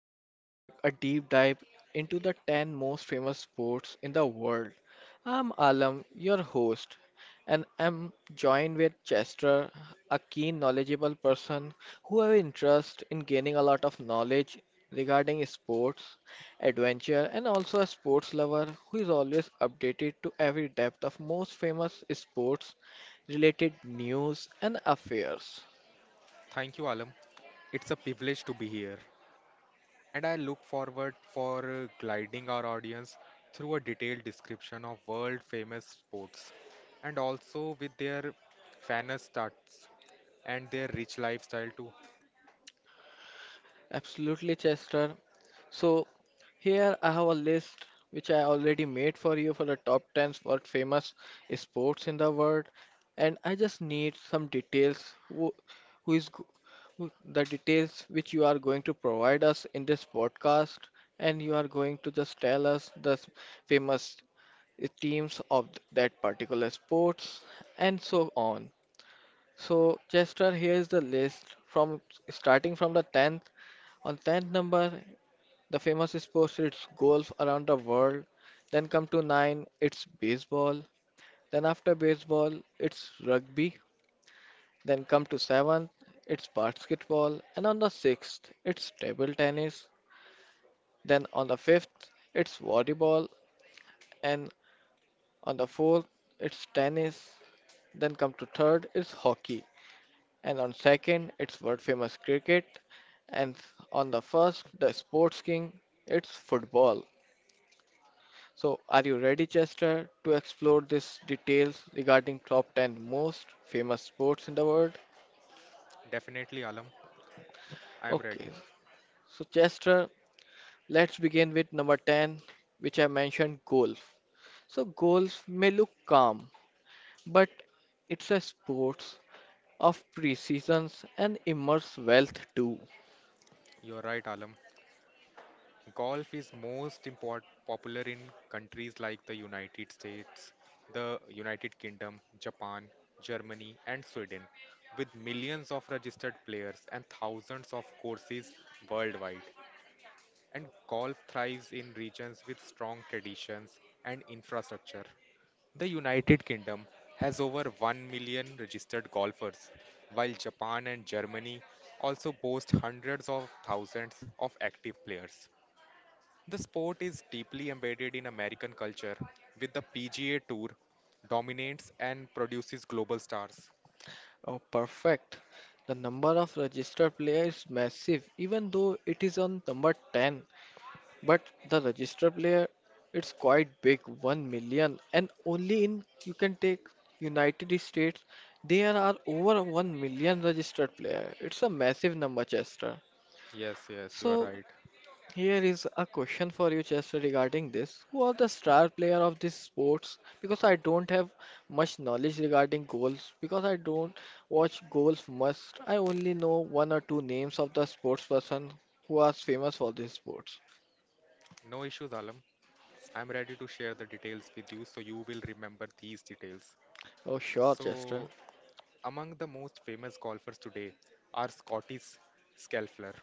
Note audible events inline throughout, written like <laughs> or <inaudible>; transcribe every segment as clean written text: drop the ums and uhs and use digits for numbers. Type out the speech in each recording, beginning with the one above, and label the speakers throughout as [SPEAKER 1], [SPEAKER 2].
[SPEAKER 1] where we embark a deep dive into the 10 most famous sports in the world. I'm Alam, your host, and I'm joined with Chester, a keen, knowledgeable person who has interest in gaining a lot of knowledge regarding sports, adventure, and also a sports lover who is always updated to every depth of most famous sports related news and affairs.
[SPEAKER 2] Thank you, Alam. It's a privilege to be here, and I look forward for guiding our audience through a detailed description of world-famous sports, and also with their fan stats and their rich lifestyle too.
[SPEAKER 1] Absolutely, Chester. So here I have a list which I already made for you for the top 10 world famous sports in the world, and I just need some details. Who is go- who, the details which you are going to provide us in this podcast, and you are going to just tell us the famous teams of that particular sports and so on. So, Chester, here's the list from starting from the 10th. On 10th number, the famous sports it's golf around the world. Then come to 9, it's baseball. Then after baseball, it's rugby. Then come to 7th, it's basketball. And on the 6th, it's table tennis. Then on the 5th, it's volleyball. And on the 4th, it's tennis. Then come to 3rd, it's hockey. And on second it's world famous cricket and on the first the sports king it's football. So are you ready, Chester, to explore these details regarding top 10 most famous sports in the world?
[SPEAKER 2] Definitely, Alam. I am ready.
[SPEAKER 1] Okay. So Chester, let's begin with number 10 which I mentioned golf. So golf may look calm but it's a sports of precisions and immense wealth too.
[SPEAKER 2] You're right, Alam. Golf is most popular in countries like the United States, the United Kingdom, Japan, Germany, and Sweden, with millions of registered players and thousands of courses worldwide. And golf thrives in regions with strong traditions and infrastructure. The United Kingdom has over 1 million registered golfers, while Japan and Germany also boast hundreds of thousands of active players. The sport is deeply embedded in American culture, with the PGA Tour dominates and produces global stars.
[SPEAKER 1] Oh, perfect. The number of registered player is massive, even though it is on number 10. But the registered player, it's quite big, 1 million. And only in, you can take United States, there are over 1 million registered player. It's a massive number, Chester.
[SPEAKER 2] Yes, yes, you are
[SPEAKER 1] So
[SPEAKER 2] right.
[SPEAKER 1] here is a question for you, Chester, regarding this. Who are the star player of this sports? Because I don't have much knowledge regarding goals. Because I don't watch goals much. I only know one or two names of the sports person who are famous for these sports.
[SPEAKER 2] No issues, Alam. I'm ready to share the details with you so you will remember these details.
[SPEAKER 1] Oh, sure, Chester.
[SPEAKER 2] So, among the most famous golfers today are Scottish Scheffler,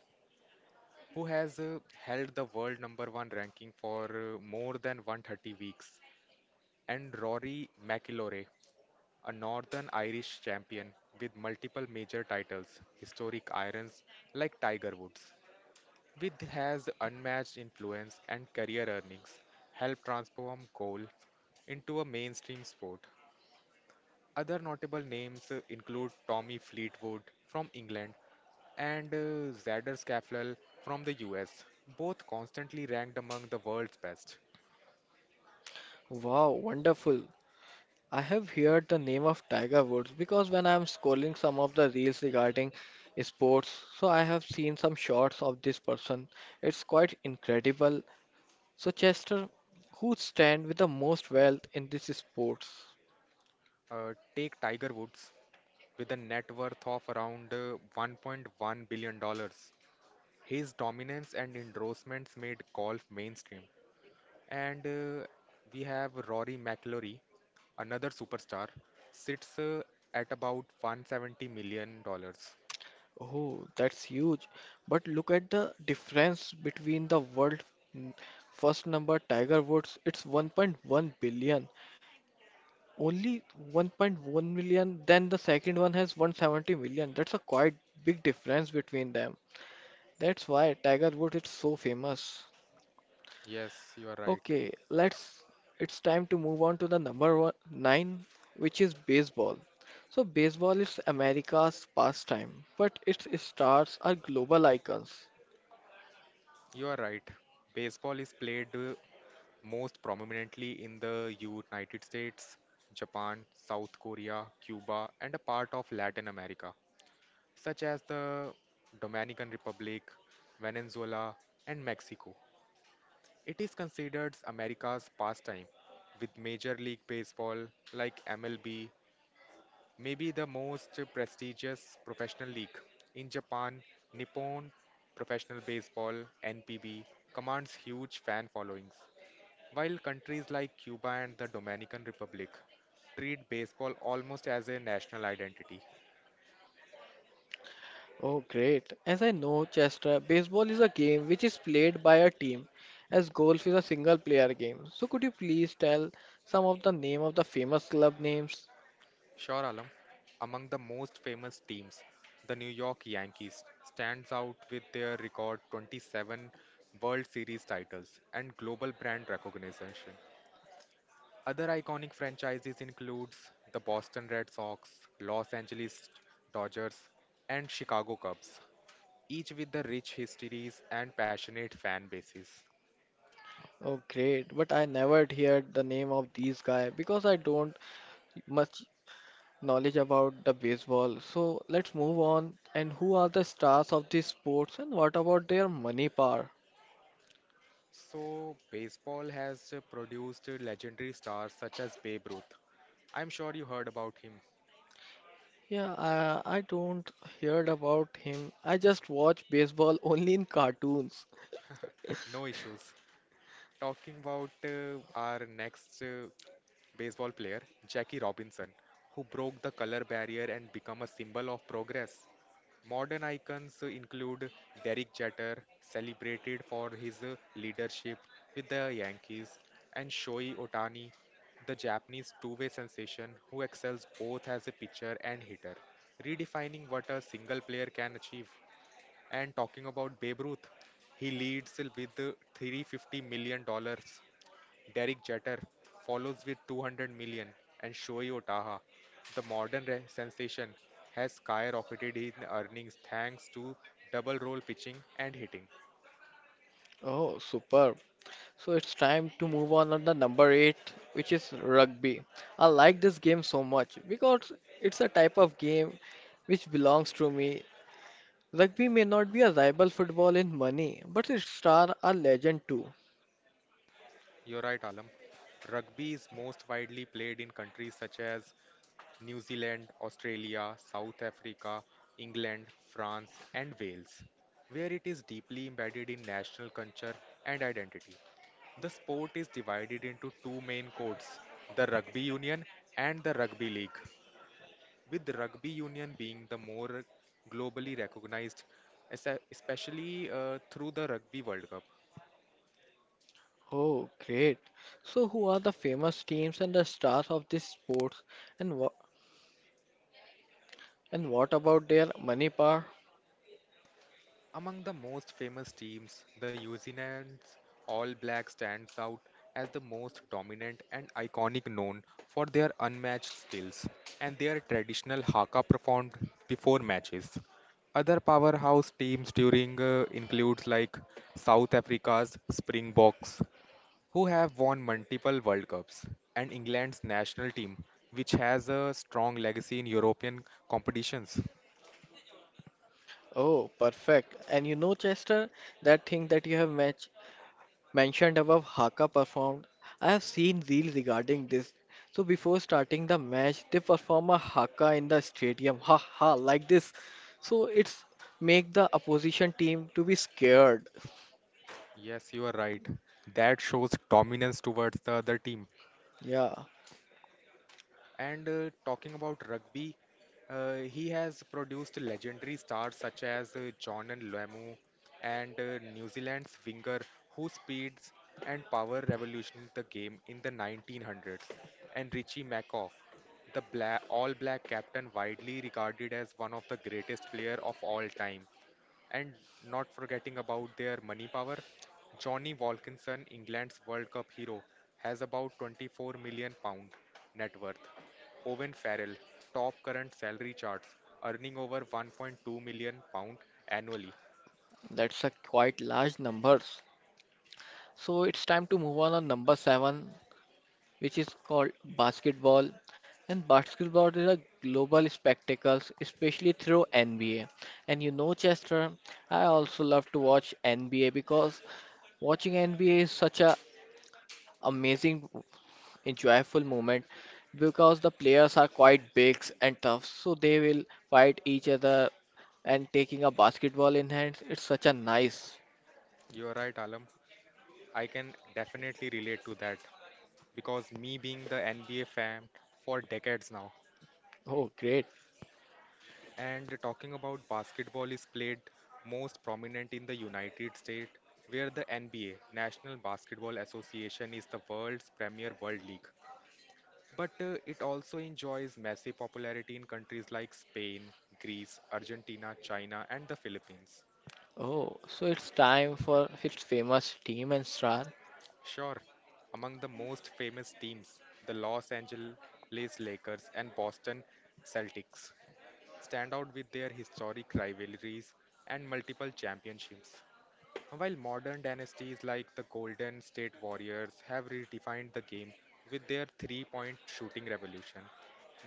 [SPEAKER 2] who has held the world number one ranking for more than 130 weeks, and Rory McIlroy, a Northern Irish champion with multiple major titles, historic irons like Tiger Woods, with his unmatched influence and career earnings, helped transform golf into a mainstream sport. Other notable names include Tommy Fleetwood from England and Xander Schauffele from the US, both constantly ranked among the world's best.
[SPEAKER 1] Wow, wonderful. I have heard the name of Tiger Woods because when I'm scrolling some of the reels regarding sports, so I have seen some shots of this person. It's quite incredible. So, Chester, who stand with the most wealth in this sports?
[SPEAKER 2] Take Tiger Woods with a net worth of around 1.1 billion dollars. His dominance and endorsements made golf mainstream. And we have Rory McIlroy, another superstar, sits at about 170 million dollars.
[SPEAKER 1] Oh, that's huge. But look at the difference between the world n- first number Tiger Woods, it's 1.1 billion. Only 1.1 million, then the second one has 170 million. That's a quite big difference between them. That's why Tiger Woods is so famous.
[SPEAKER 2] Yes, you are right.
[SPEAKER 1] Okay, let's it's time to move on to the number nine, which is baseball. So baseball is America's pastime, but its stars are global icons.
[SPEAKER 2] You are right. Baseball is played most prominently in the United States, Japan, South Korea, Cuba, and a part of Latin America, such as the Dominican Republic, Venezuela, and Mexico. It is considered America's pastime, with Major League Baseball, like MLB, maybe the most prestigious professional league. In Japan, Nippon Professional Baseball (NPB) commands huge fan followings, while countries like Cuba and the Dominican Republic treat baseball almost as a national identity.
[SPEAKER 1] Oh, great. As I know, Chester, baseball is a game which is played by a team, as golf is a single player game. So could you please tell some of the name of the famous club names?
[SPEAKER 2] Sure, Alam, among the most famous teams, the New York Yankees stands out with their record 27 World Series titles and global brand recognition. Other iconic franchises includes the Boston Red Sox, Los Angeles Dodgers, and Chicago Cubs, each with the rich histories and passionate fan bases.
[SPEAKER 1] Oh, great. But I never heard the name of these guy because I don't much knowledge about the baseball. So let's move on. And who are the stars of these sports and what about their money power?
[SPEAKER 2] So, baseball has produced legendary stars such as Babe Ruth. I'm sure you heard about him.
[SPEAKER 1] Yeah, I don't heard about him. I just watch baseball <laughs> only in cartoons.
[SPEAKER 2] No issues. Talking about our next baseball player, Jackie Robinson, who broke the color barrier and become a symbol of progress. Modern icons include Derek Jeter, celebrated for his leadership with the Yankees, and Shohei Otani, the Japanese two-way sensation who excels both as a pitcher and hitter, redefining what a single player can achieve. And talking about Babe Ruth, he leads with $350 million dollars. Derek Jeter follows with 200 million, and Shohei Otaha, the modern sensation, has skyrocketed in earnings thanks to double role pitching and hitting.
[SPEAKER 1] Oh, superb. So it's time to move on the number eight, which is rugby. I like this game so much because it's a type of game which belongs to me. Rugby may not be a rival football in money, but its stars are legend too.
[SPEAKER 2] You're right, Alam. Rugby is most widely played in countries such as New Zealand, Australia, South Africa, England, France, and Wales, where it is deeply embedded in national culture and identity. The sport is divided into two main codes: the Rugby Union and the Rugby League, with the Rugby Union being the more globally recognized, especially through the Rugby World Cup.
[SPEAKER 1] Oh, great. So, who are the famous teams and the stars of this sports, and what about their money power?
[SPEAKER 2] Among the most famous teams, the Uzinans All Black stands out as the most dominant and iconic, known for their unmatched skills and their traditional haka performed before matches. Other powerhouse teams during includes like South Africa's Springboks, who have won multiple World Cups, and England's national team, which has a strong legacy in European competitions.
[SPEAKER 1] Oh, perfect. And you know, Chester, that thing that you have match mentioned above, Haka performed. I have seen reels regarding this. So, before starting the match, they perform a Haka in the stadium. Ha ha, like this. So, it's make the opposition team to be scared.
[SPEAKER 2] Yes, you are right. That shows dominance towards the other team.
[SPEAKER 1] Yeah,
[SPEAKER 2] And talking about rugby, he has produced legendary stars such as John and Lamu and New Zealand's winger whose speeds and power revolutionized the game in the 1900s, and Richie McCaw, the bla All Black captain widely regarded as one of the greatest player of all time. And not forgetting about their money power, Johnny Wilkinson, England's World Cup hero, has about 24 million pounds net worth. Owen Farrell, top current salary charts, earning over 1.2 million pounds annually.
[SPEAKER 1] that's a quite large numbers. So it's time to move on number seven, which is called basketball. And basketball is a global spectacle, especially through NBA. And you know, Chester, I also love to watch NBA because watching NBA is such a amazing, enjoyable moment because the players are quite big and tough, so they will fight each other and taking a basketball in hands. It's such a nice.
[SPEAKER 2] You're right, Alam. I can definitely relate to that because me being the NBA fan for decades now.
[SPEAKER 1] Oh, great.
[SPEAKER 2] And talking about basketball is played most prominent in the United States, where the NBA, National Basketball Association, is the world's premier world league. But it also enjoys massive popularity in countries like Spain, Greece, Argentina, China, and the Philippines.
[SPEAKER 1] Oh, so it's time for his famous team and star.
[SPEAKER 2] Sure, among the most famous teams, the Los Angeles Lakers and Boston Celtics stand out with their historic rivalries and multiple championships. While modern dynasties like the Golden State Warriors have redefined the game with their three-point shooting revolution,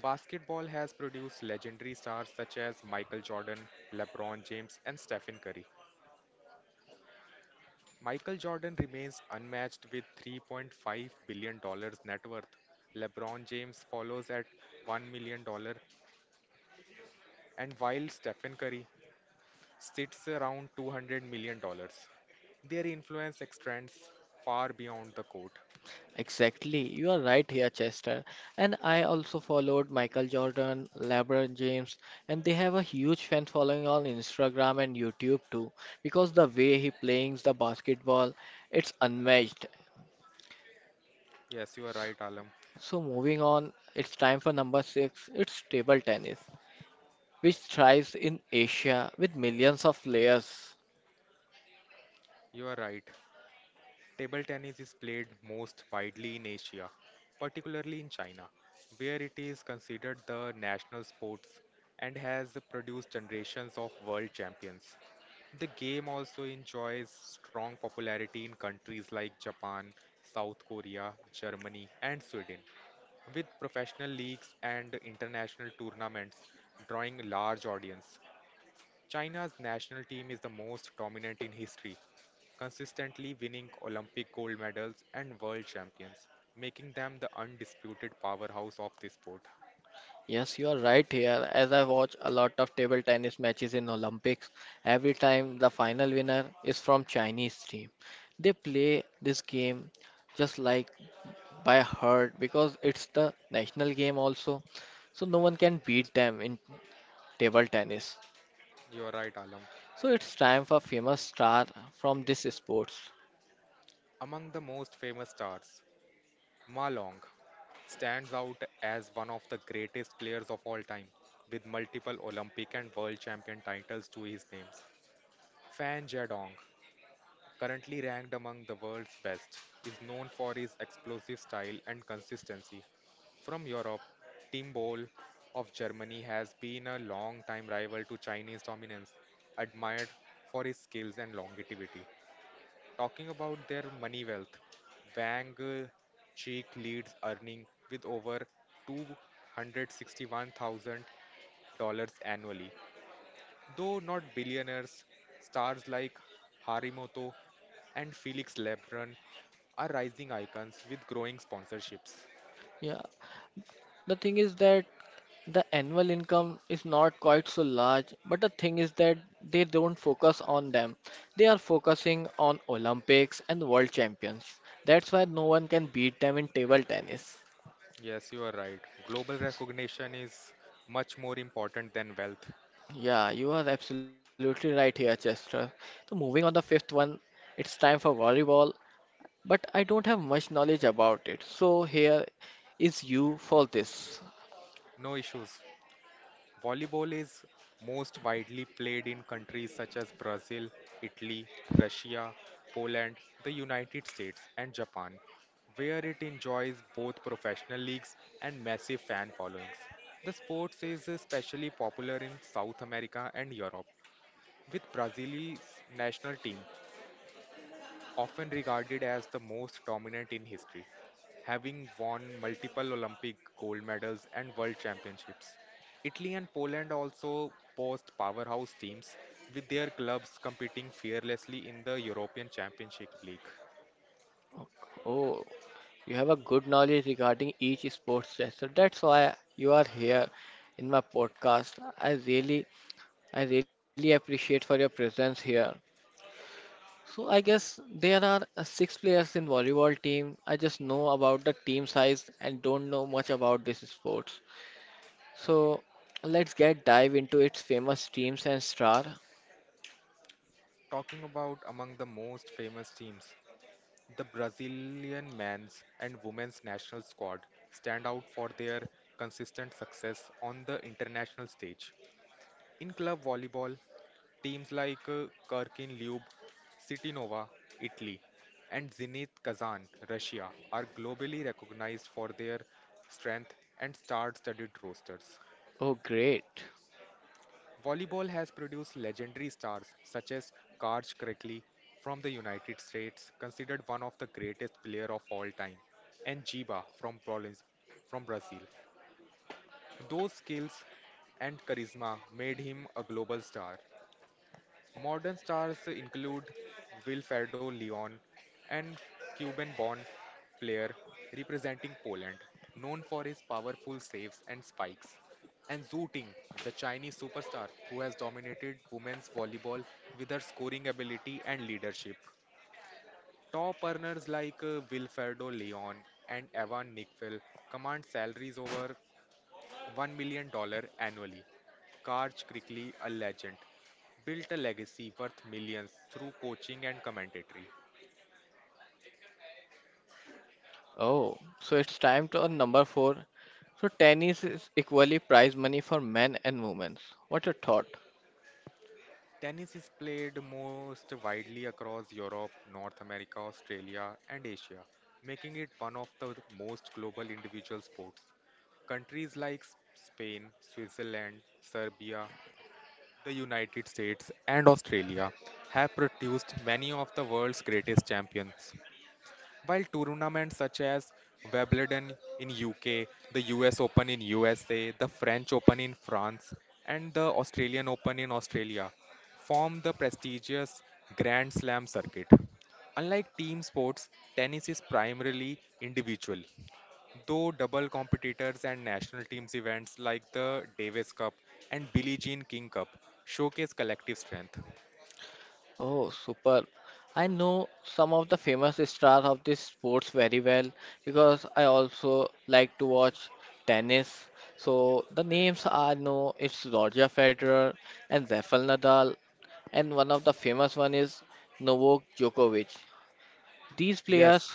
[SPEAKER 2] basketball has produced legendary stars such as Michael Jordan, LeBron James, and Stephen Curry. Michael Jordan remains unmatched with $3.5 billion dollars net worth. LeBron James follows at $1 million, dollars, and while Stephen Curry sits around $200 million dollars. Their influence extends far beyond the court.
[SPEAKER 1] Exactly. You are right here, Chester. And I also followed Michael Jordan, LeBron James, and they have a huge fan following on Instagram and YouTube too, because the way he plays the basketball, it's unmatched.
[SPEAKER 2] Yes, you are right, Alam.
[SPEAKER 1] So moving on, it's time for number six. It's table tennis, which thrives in Asia with millions of players.
[SPEAKER 2] You are right. Table tennis is played most widely in Asia, particularly in China, where it is considered the national sports and has produced generations of world champions. The game also enjoys strong popularity in countries like Japan, South Korea, Germany, and Sweden, with professional leagues and international tournaments drawing a large audience. China's national team is the most dominant in history, consistently winning Olympic gold medals and world champions, making them the undisputed powerhouse of this sport.
[SPEAKER 1] Yes, you are right here. As I watch a lot of table tennis matches in Olympics, every time the final winner is from Chinese team. They play this game just like by heart because it's the national game also. So no one can beat them in table tennis.
[SPEAKER 2] You're right, Alam.
[SPEAKER 1] So it's time for famous star from this sports.
[SPEAKER 2] Among the most famous stars, Ma Long stands out as one of the greatest players of all time, with multiple Olympic and World Champion titles to his names. Fan Jadong, currently ranked among the world's best, is known for his explosive style and consistency. From Europe, Tim Boll of Germany has been a long-time rival to Chinese dominance, admired for his skills and longevity. Talking about their money wealth, Wang Cheek leads earning with over $261,000 annually. Though not billionaires, stars like Harimoto and Felix Lebrun are rising icons with growing sponsorships.
[SPEAKER 1] Yeah, the thing is that the annual income is not quite so large, but the thing is that they don't focus on them. They are focusing on Olympics and world champions. That's why no one can beat them in table tennis.
[SPEAKER 2] Yes, you are right. Global recognition is much more important than wealth.
[SPEAKER 1] Yeah, you are absolutely right here, Chester. So moving on the fifth one, it's time for volleyball, but I don't have much knowledge about it. So here is you for this.
[SPEAKER 2] No issues. Volleyball is most widely played in countries such as Brazil, Italy, Russia, Poland, the United States, and Japan, where it enjoys both professional leagues and massive fan followings. The sport is especially popular in South America and Europe, with Brazil's national team often regarded as the most dominant in history, having won multiple Olympic gold medals and world championships. Italy and Poland also boast powerhouse teams, with their clubs competing fearlessly in the European Championship League.
[SPEAKER 1] Oh, you have a good knowledge regarding each sports gesture. That's why you are here in my podcast. I really appreciate for your presence here. So I guess there are six players in volleyball team. I just know about the team size and don't know much about this sports. So let's get dive into its famous teams and star.
[SPEAKER 2] Talking about among the most famous teams, the Brazilian men's and women's national squad stand out for their consistent success on the international stage. In club volleyball, teams like Kirkin Lube, City Nova, Italy, and Zenit Kazan, Russia, are globally recognized for their strength and star-studded rosters.
[SPEAKER 1] Oh great.
[SPEAKER 2] Volleyball has produced legendary stars such as Karch Crickley from the United States, considered one of the greatest player of all time, and Jiba from Brazil. Those skills and charisma made him a global star. Modern stars include Wilfredo Leon, an Cuban-born player representing Poland, known for his powerful saves and spikes, and Zhu Ting, the Chinese superstar who has dominated women's volleyball with her scoring ability and leadership. Top earners like Wilfredo Leon and Evan Nickfell command salaries over $1 million dollars annually. Karj Krikly, a legend, built a legacy worth millions through coaching and commentary.
[SPEAKER 1] Oh, so it's time to on number four. So tennis is equally prize money for men and women. What's your thought?
[SPEAKER 2] Tennis is played most widely across Europe, North America, Australia, and Asia, making it one of the most global individual sports. Countries like Spain, Switzerland, Serbia, the United States, and Australia have produced many of the world's greatest champions. While tournaments such as Wimbledon in UK, the US Open in USA, the French Open in France, and the Australian Open in Australia form the prestigious Grand Slam circuit. Unlike team sports, tennis is primarily individual, though double competitors and national teams events like the Davis Cup and Billie Jean King Cup showcase collective strength.
[SPEAKER 1] Oh, super. I know some of the famous stars of this sports very well because I also like to watch tennis. So the names I know it's Roger Federer and Rafael Nadal and one of the famous one is Novak Djokovic. These players,
[SPEAKER 2] Yes,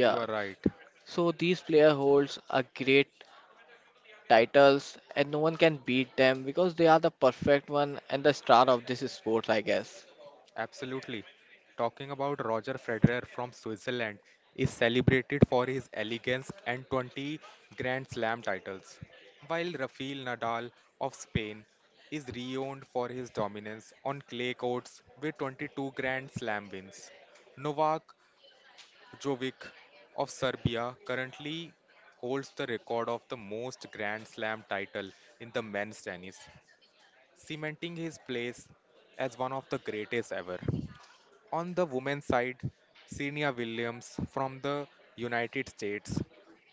[SPEAKER 2] you are right.
[SPEAKER 1] so these player holds a great titles and no one can beat them because they are the perfect one and the star of this sport, I guess.
[SPEAKER 2] Absolutely. Talking about Roger Federer from Switzerland is celebrated for his elegance and 20 Grand Slam titles, while Rafael Nadal of Spain is renowned for his dominance on clay courts with 22 Grand Slam wins. Novak Djokovic of Serbia currently holds the record of the most Grand Slam title in the men's tennis, cementing his place as one of the greatest ever. On the women's side, Serena Williams from the United States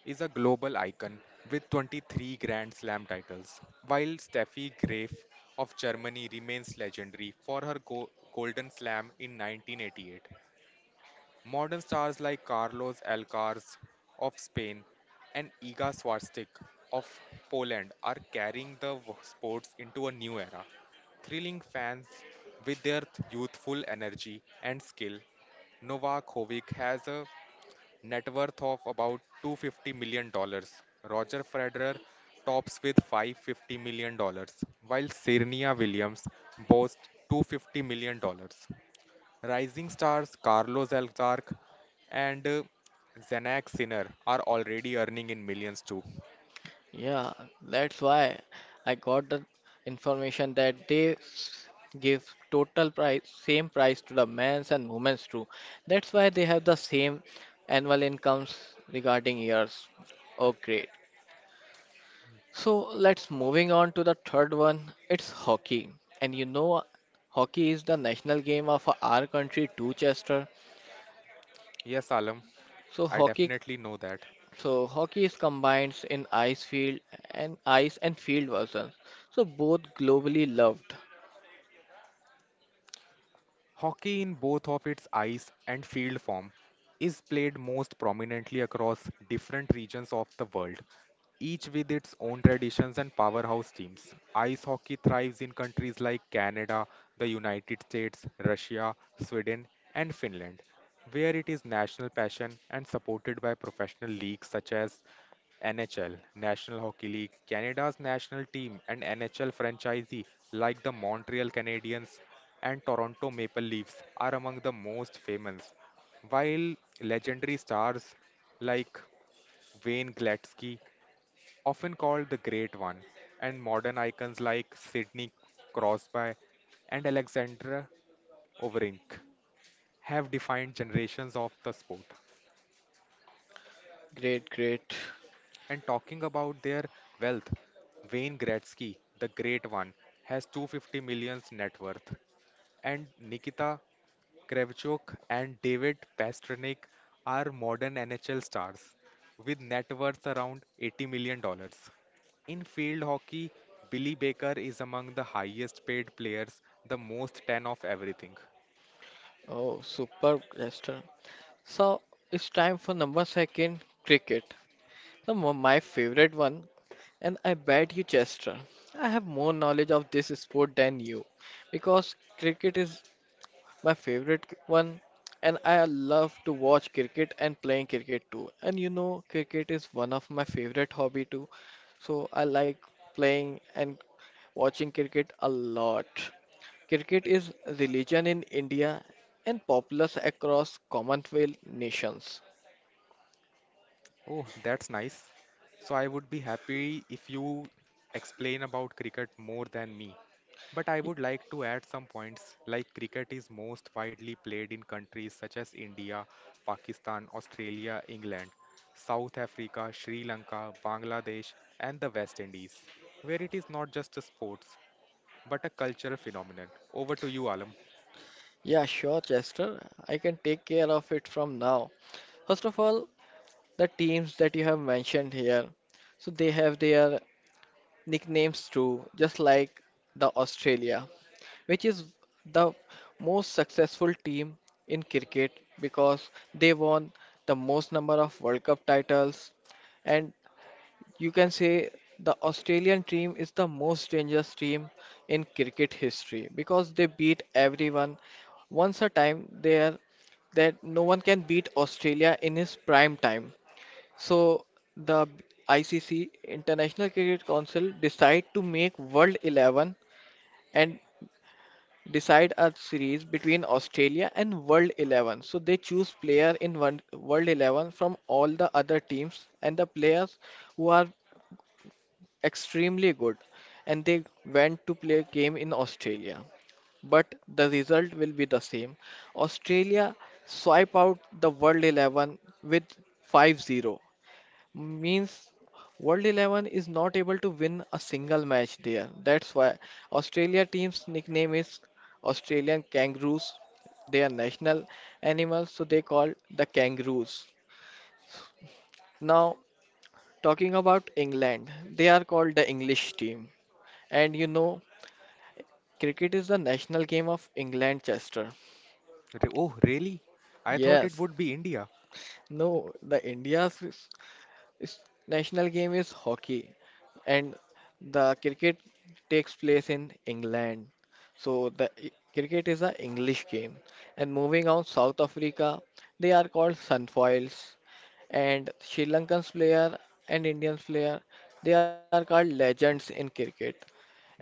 [SPEAKER 2] is a global icon with 23 Grand Slam titles, while Steffi Graf of Germany remains legendary for her Golden Slam in 1988. Modern stars like Carlos Alcaraz of Spain and Iga Swiatek of Poland are carrying the sports into a new era, thrilling fans with their youthful energy and skill. Novak Djokovic has a net worth of about $250 million. Roger Federer tops with $550 million, while Serena Williams boasts $250 million. Rising stars Carlos Alcaraz and Zanax Sinner are already earning in millions too.
[SPEAKER 1] Yeah, that's why I got the information that they give total price, same price to the men's and women's too. That's why they have the same annual incomes regarding years. Oh, great. So let's moving on to the third one. It's hockey, and you know, hockey is the national game of our country too, Chester.
[SPEAKER 2] Yes, Alam,
[SPEAKER 1] So
[SPEAKER 2] I
[SPEAKER 1] hockey,
[SPEAKER 2] definitely know that.
[SPEAKER 1] so hockey is combined in ice field and ice and field versions. So both globally loved.
[SPEAKER 2] Hockey, in both of its ice and field form, is played most prominently across different regions of the world, each with its own traditions and powerhouse teams. Ice hockey thrives in countries like Canada, the United States, Russia, Sweden, and Finland, where it is national passion and supported by professional leagues such as NHL, National Hockey League. Canada's national team, and NHL franchisee like the Montreal Canadiens and Toronto Maple Leafs are among the most famous, while legendary stars like Wayne Gretzky, often called the Great One, and modern icons like Sidney Crosby and Alexandra Overink have defined generations of the sport.
[SPEAKER 1] Great, great.
[SPEAKER 2] And talking about their wealth, Wayne Gretzky, the Great One, has 250 millions net worth. And Nikita Krevchuk and David Pasternak are modern NHL stars with net worth around $80 million. In field hockey, Billy Baker is among the highest paid players, the most 10 of everything.
[SPEAKER 1] Oh, superb, Lester. So it's time for number second, cricket. My favorite one, and I bet you, Chester, I have more knowledge of this sport than you, because cricket is my favorite one, and I love to watch cricket and playing cricket too. And you know, cricket is one of my favorite hobby too, so I like playing and watching cricket a lot. Cricket is religion in India and popular across Commonwealth nations.
[SPEAKER 2] Oh, that's nice. So I would be happy if you explain about cricket more than me. But I
[SPEAKER 1] Y-
[SPEAKER 2] would like to add some points like cricket is most widely played in countries such as India, Pakistan, Australia, England, South Africa, Sri Lanka, Bangladesh, and the West Indies, where it is not just a sports but a cultural phenomenon. Over to you, Alam.
[SPEAKER 1] Yeah, sure, Chester. I can take care of it from now. First of all, the teams that you have mentioned here, so they have their nicknames too, just like the Australia, which is the most successful team in cricket because they won the most number of World Cup titles and you can say the Australian team is the most dangerous team in cricket history because they beat everyone. Once a time there that no one can beat Australia in his prime time. So the ICC International Cricket Council decide to make World 11 and decide a series between Australia and World 11. So they choose player in one, World 11 from all the other teams and the players who are extremely good and they went to play a game in Australia. But the result will be the same. Australia swipe out the World 11 with 5-0. Means World 11 is not able to win a single match there. That's why Australia team's nickname is Australian Kangaroos. They are national animals, so they called the Kangaroos. Now, talking about England, they are called the English team. And you know Cricket is the national game of England, Chester.
[SPEAKER 2] Oh, really? I thought it
[SPEAKER 1] Yes.
[SPEAKER 2] would be India.
[SPEAKER 1] No, the India's is- national game is hockey, and the cricket takes place in England. So the cricket is a English game. And moving on, South Africa, they are called Sunfoils, and Sri Lankan's player and Indian's player, they are called legends in cricket. And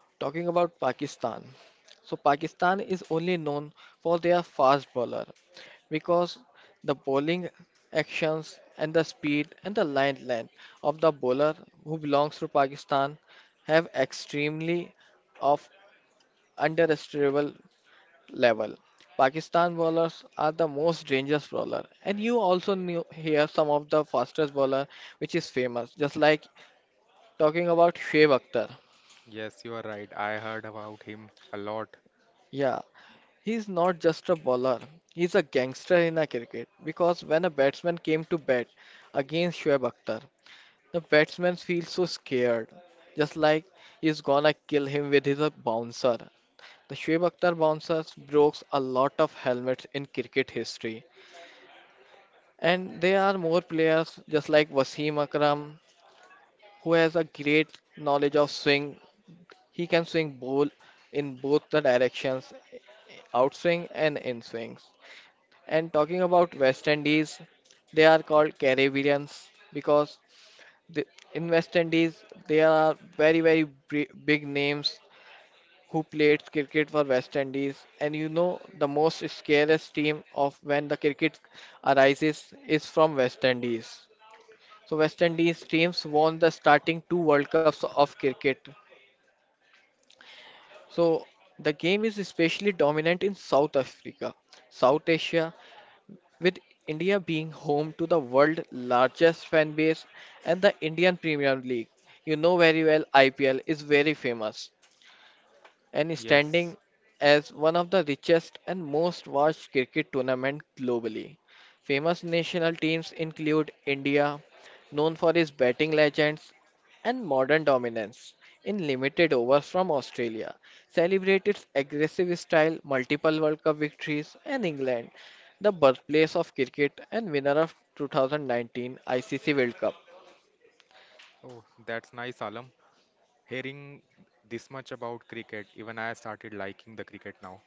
[SPEAKER 1] talking about Pakistan, so Pakistan is only known for their fast bowler because the bowling actions and the speed and the line length of the bowler who belongs to Pakistan have extremely of underestimable level. Pakistan bowlers are the most dangerous bowler, and you also knew hear some of the fastest bowler which is famous. Just like talking about Shoaib Akhtar,
[SPEAKER 2] Yes, you are right. I heard about him a lot.
[SPEAKER 1] yeah, he's not just a bowler, he's a gangster in a cricket because when a batsman came to bat against Shoaib Akhtar, the batsman feels so scared, just like he's gonna kill him with his bouncer. The Shoaib Akhtar bouncers broke a lot of helmets in cricket history, and there are more players just like Wasim Akram who has a great knowledge of swing. He can swing bowl in both the directions, outswing and in swings. And talking about West Indies, they are called Caribbeans because the, in West Indies there are big names who played cricket for West Indies. And you know the most scariest team of when the cricket arises is from West Indies. So West Indies teams won the starting two World Cups of cricket. So the game is especially dominant in South Africa, South Asia, with India being home to the world's largest fan base and the Indian Premier League. You know very well IPL is very famous and
[SPEAKER 2] Yes.
[SPEAKER 1] standing as one of the richest and most watched cricket tournament globally. Famous national teams include India, known for its batting legends and modern dominance in limited overs, from Australia, celebrate its aggressive style, multiple World Cup victories, and England, the birthplace of cricket and winner of 2019 ICC World Cup.
[SPEAKER 2] Oh, that's nice, Alam. Hearing this much about cricket, even I started liking the cricket now.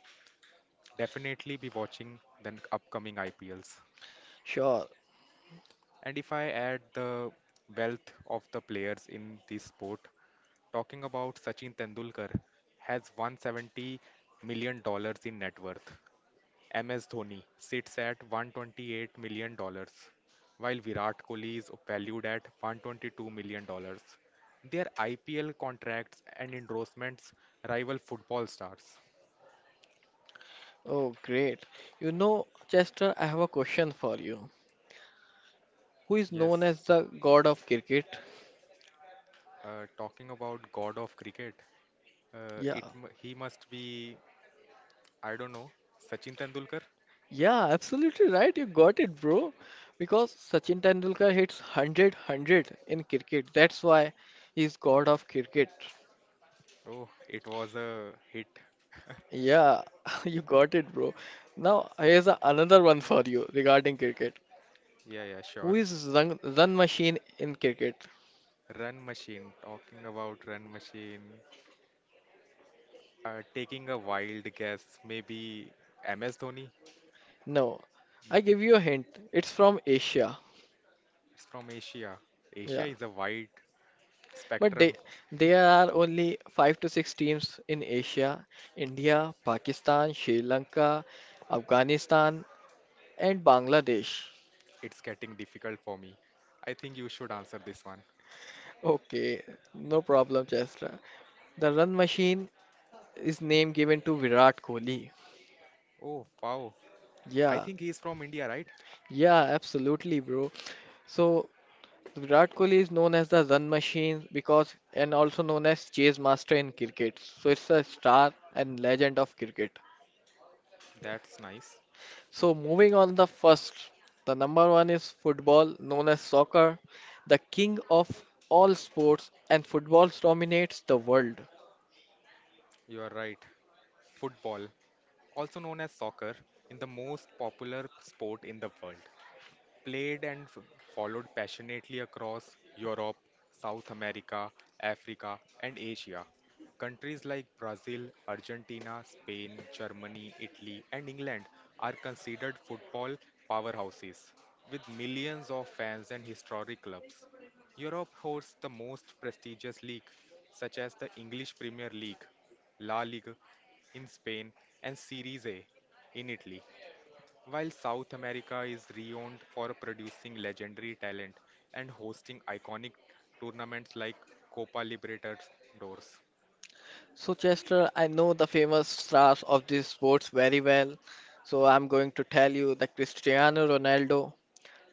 [SPEAKER 2] Definitely be watching the upcoming IPLs.
[SPEAKER 1] Sure.
[SPEAKER 2] And if I add the wealth of the players in this sport, talking about Sachin Tendulkar has $170 million in net worth. MS Dhoni sits at $128 million dollars, while Virat Kohli is valued at $122 million dollars. Their IPL contracts and endorsements rival football stars.
[SPEAKER 1] Oh, great. You know, Chester, I have a question for you. Who is known
[SPEAKER 2] Yes,
[SPEAKER 1] as the god of cricket?
[SPEAKER 2] talking about god of cricket,
[SPEAKER 1] Yeah,
[SPEAKER 2] he must be, I don't know, Sachin Tendulkar?
[SPEAKER 1] yeah, absolutely right. You got it, bro. Because Sachin Tendulkar hits 100 in cricket. That's why he's god of cricket.
[SPEAKER 2] Oh, it was a hit.
[SPEAKER 1] Yeah, <laughs> you got it, bro. Now, here's another one for you regarding cricket.
[SPEAKER 2] Yeah, yeah,
[SPEAKER 1] Who
[SPEAKER 2] sure.
[SPEAKER 1] is run, run machine in cricket?
[SPEAKER 2] Run machine, talking about run machine. Taking a wild guess, maybe MS Dhoni?
[SPEAKER 1] No, I give you a hint. It's from Asia.
[SPEAKER 2] It's from Asia. Asia
[SPEAKER 1] Yeah,
[SPEAKER 2] is a wide
[SPEAKER 1] but they,
[SPEAKER 2] spectrum.
[SPEAKER 1] there are only five to six teams in Asia, India, Pakistan, Sri Lanka, Afghanistan, and Bangladesh.
[SPEAKER 2] It's getting difficult for me. I think you should answer this one.
[SPEAKER 1] Okay, no problem, Chesra. The run machine is name given to Virat Kohli.
[SPEAKER 2] Oh, wow. I
[SPEAKER 1] Yeah,
[SPEAKER 2] think he's from India, right?
[SPEAKER 1] yeah, absolutely, bro. So Virat Kohli is known as the run machine because and also known as chase master in cricket. So it's a star and legend of cricket.
[SPEAKER 2] That's nice.
[SPEAKER 1] So moving on the first, the number one is football, known as soccer, the king of all sports, and football dominates the world.
[SPEAKER 2] You are right. Football, also known as soccer, is the most popular sport in the world, played and followed passionately across Europe, South America, Africa, and Asia. Countries like Brazil, Argentina, Spain, Germany, Italy, and England are considered football powerhouses, with millions of fans and historic clubs. Europe hosts the most prestigious league, such as the English Premier League, La Liga in Spain, and Serie A in Italy, while South America is renowned for producing legendary talent and hosting iconic tournaments like Copa Libertadores.
[SPEAKER 1] So Chester, I know the famous stars of these sports very well. So I'm going to tell you the Cristiano Ronaldo,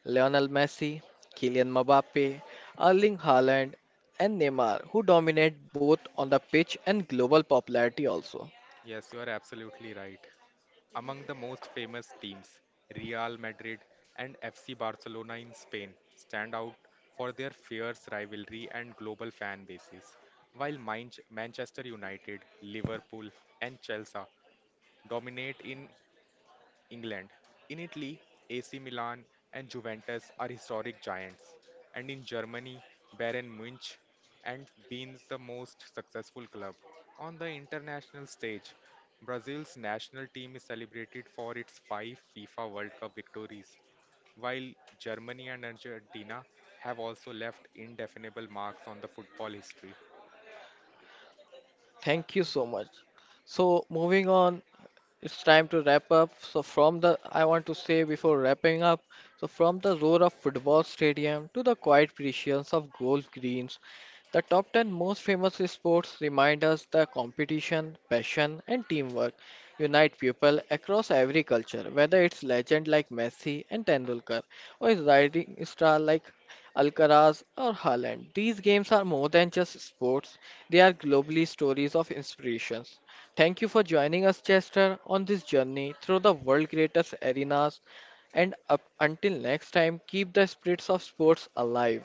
[SPEAKER 1] Lionel Messi, Kylian Mbappe, Erling Haaland, and Neymar, who dominate both on the pitch and global popularity also.
[SPEAKER 2] Yes, you are absolutely right. Among the most famous teams, Real Madrid and FC Barcelona in Spain stand out for their fierce rivalry and global fan bases, while Manchester United, Liverpool, and Chelsea dominate in England. In Italy, AC Milan and Juventus are historic giants, and in Germany, Bayern Munich and Bean's the most successful club. On the international stage, Brazil's national team is celebrated for its five FIFA World Cup victories, while Germany and Argentina have also left indefinable marks on the football history.
[SPEAKER 1] Thank you so much. So moving on, it's time to wrap up. So from the I want to say before wrapping up, so from the roar of football stadium to the quiet precisions of golf greens, the top 10 most famous sports remind us that competition, passion, and teamwork unite people across every culture, whether it's legend like Messi and Tendulkar or it's rising star like Alcaraz or Haaland. These games are more than just sports, they are globally stories of inspirations. Thank you for joining us, Chester, on this journey through the world's greatest arenas. And up until next time, keep the spirits of sports alive.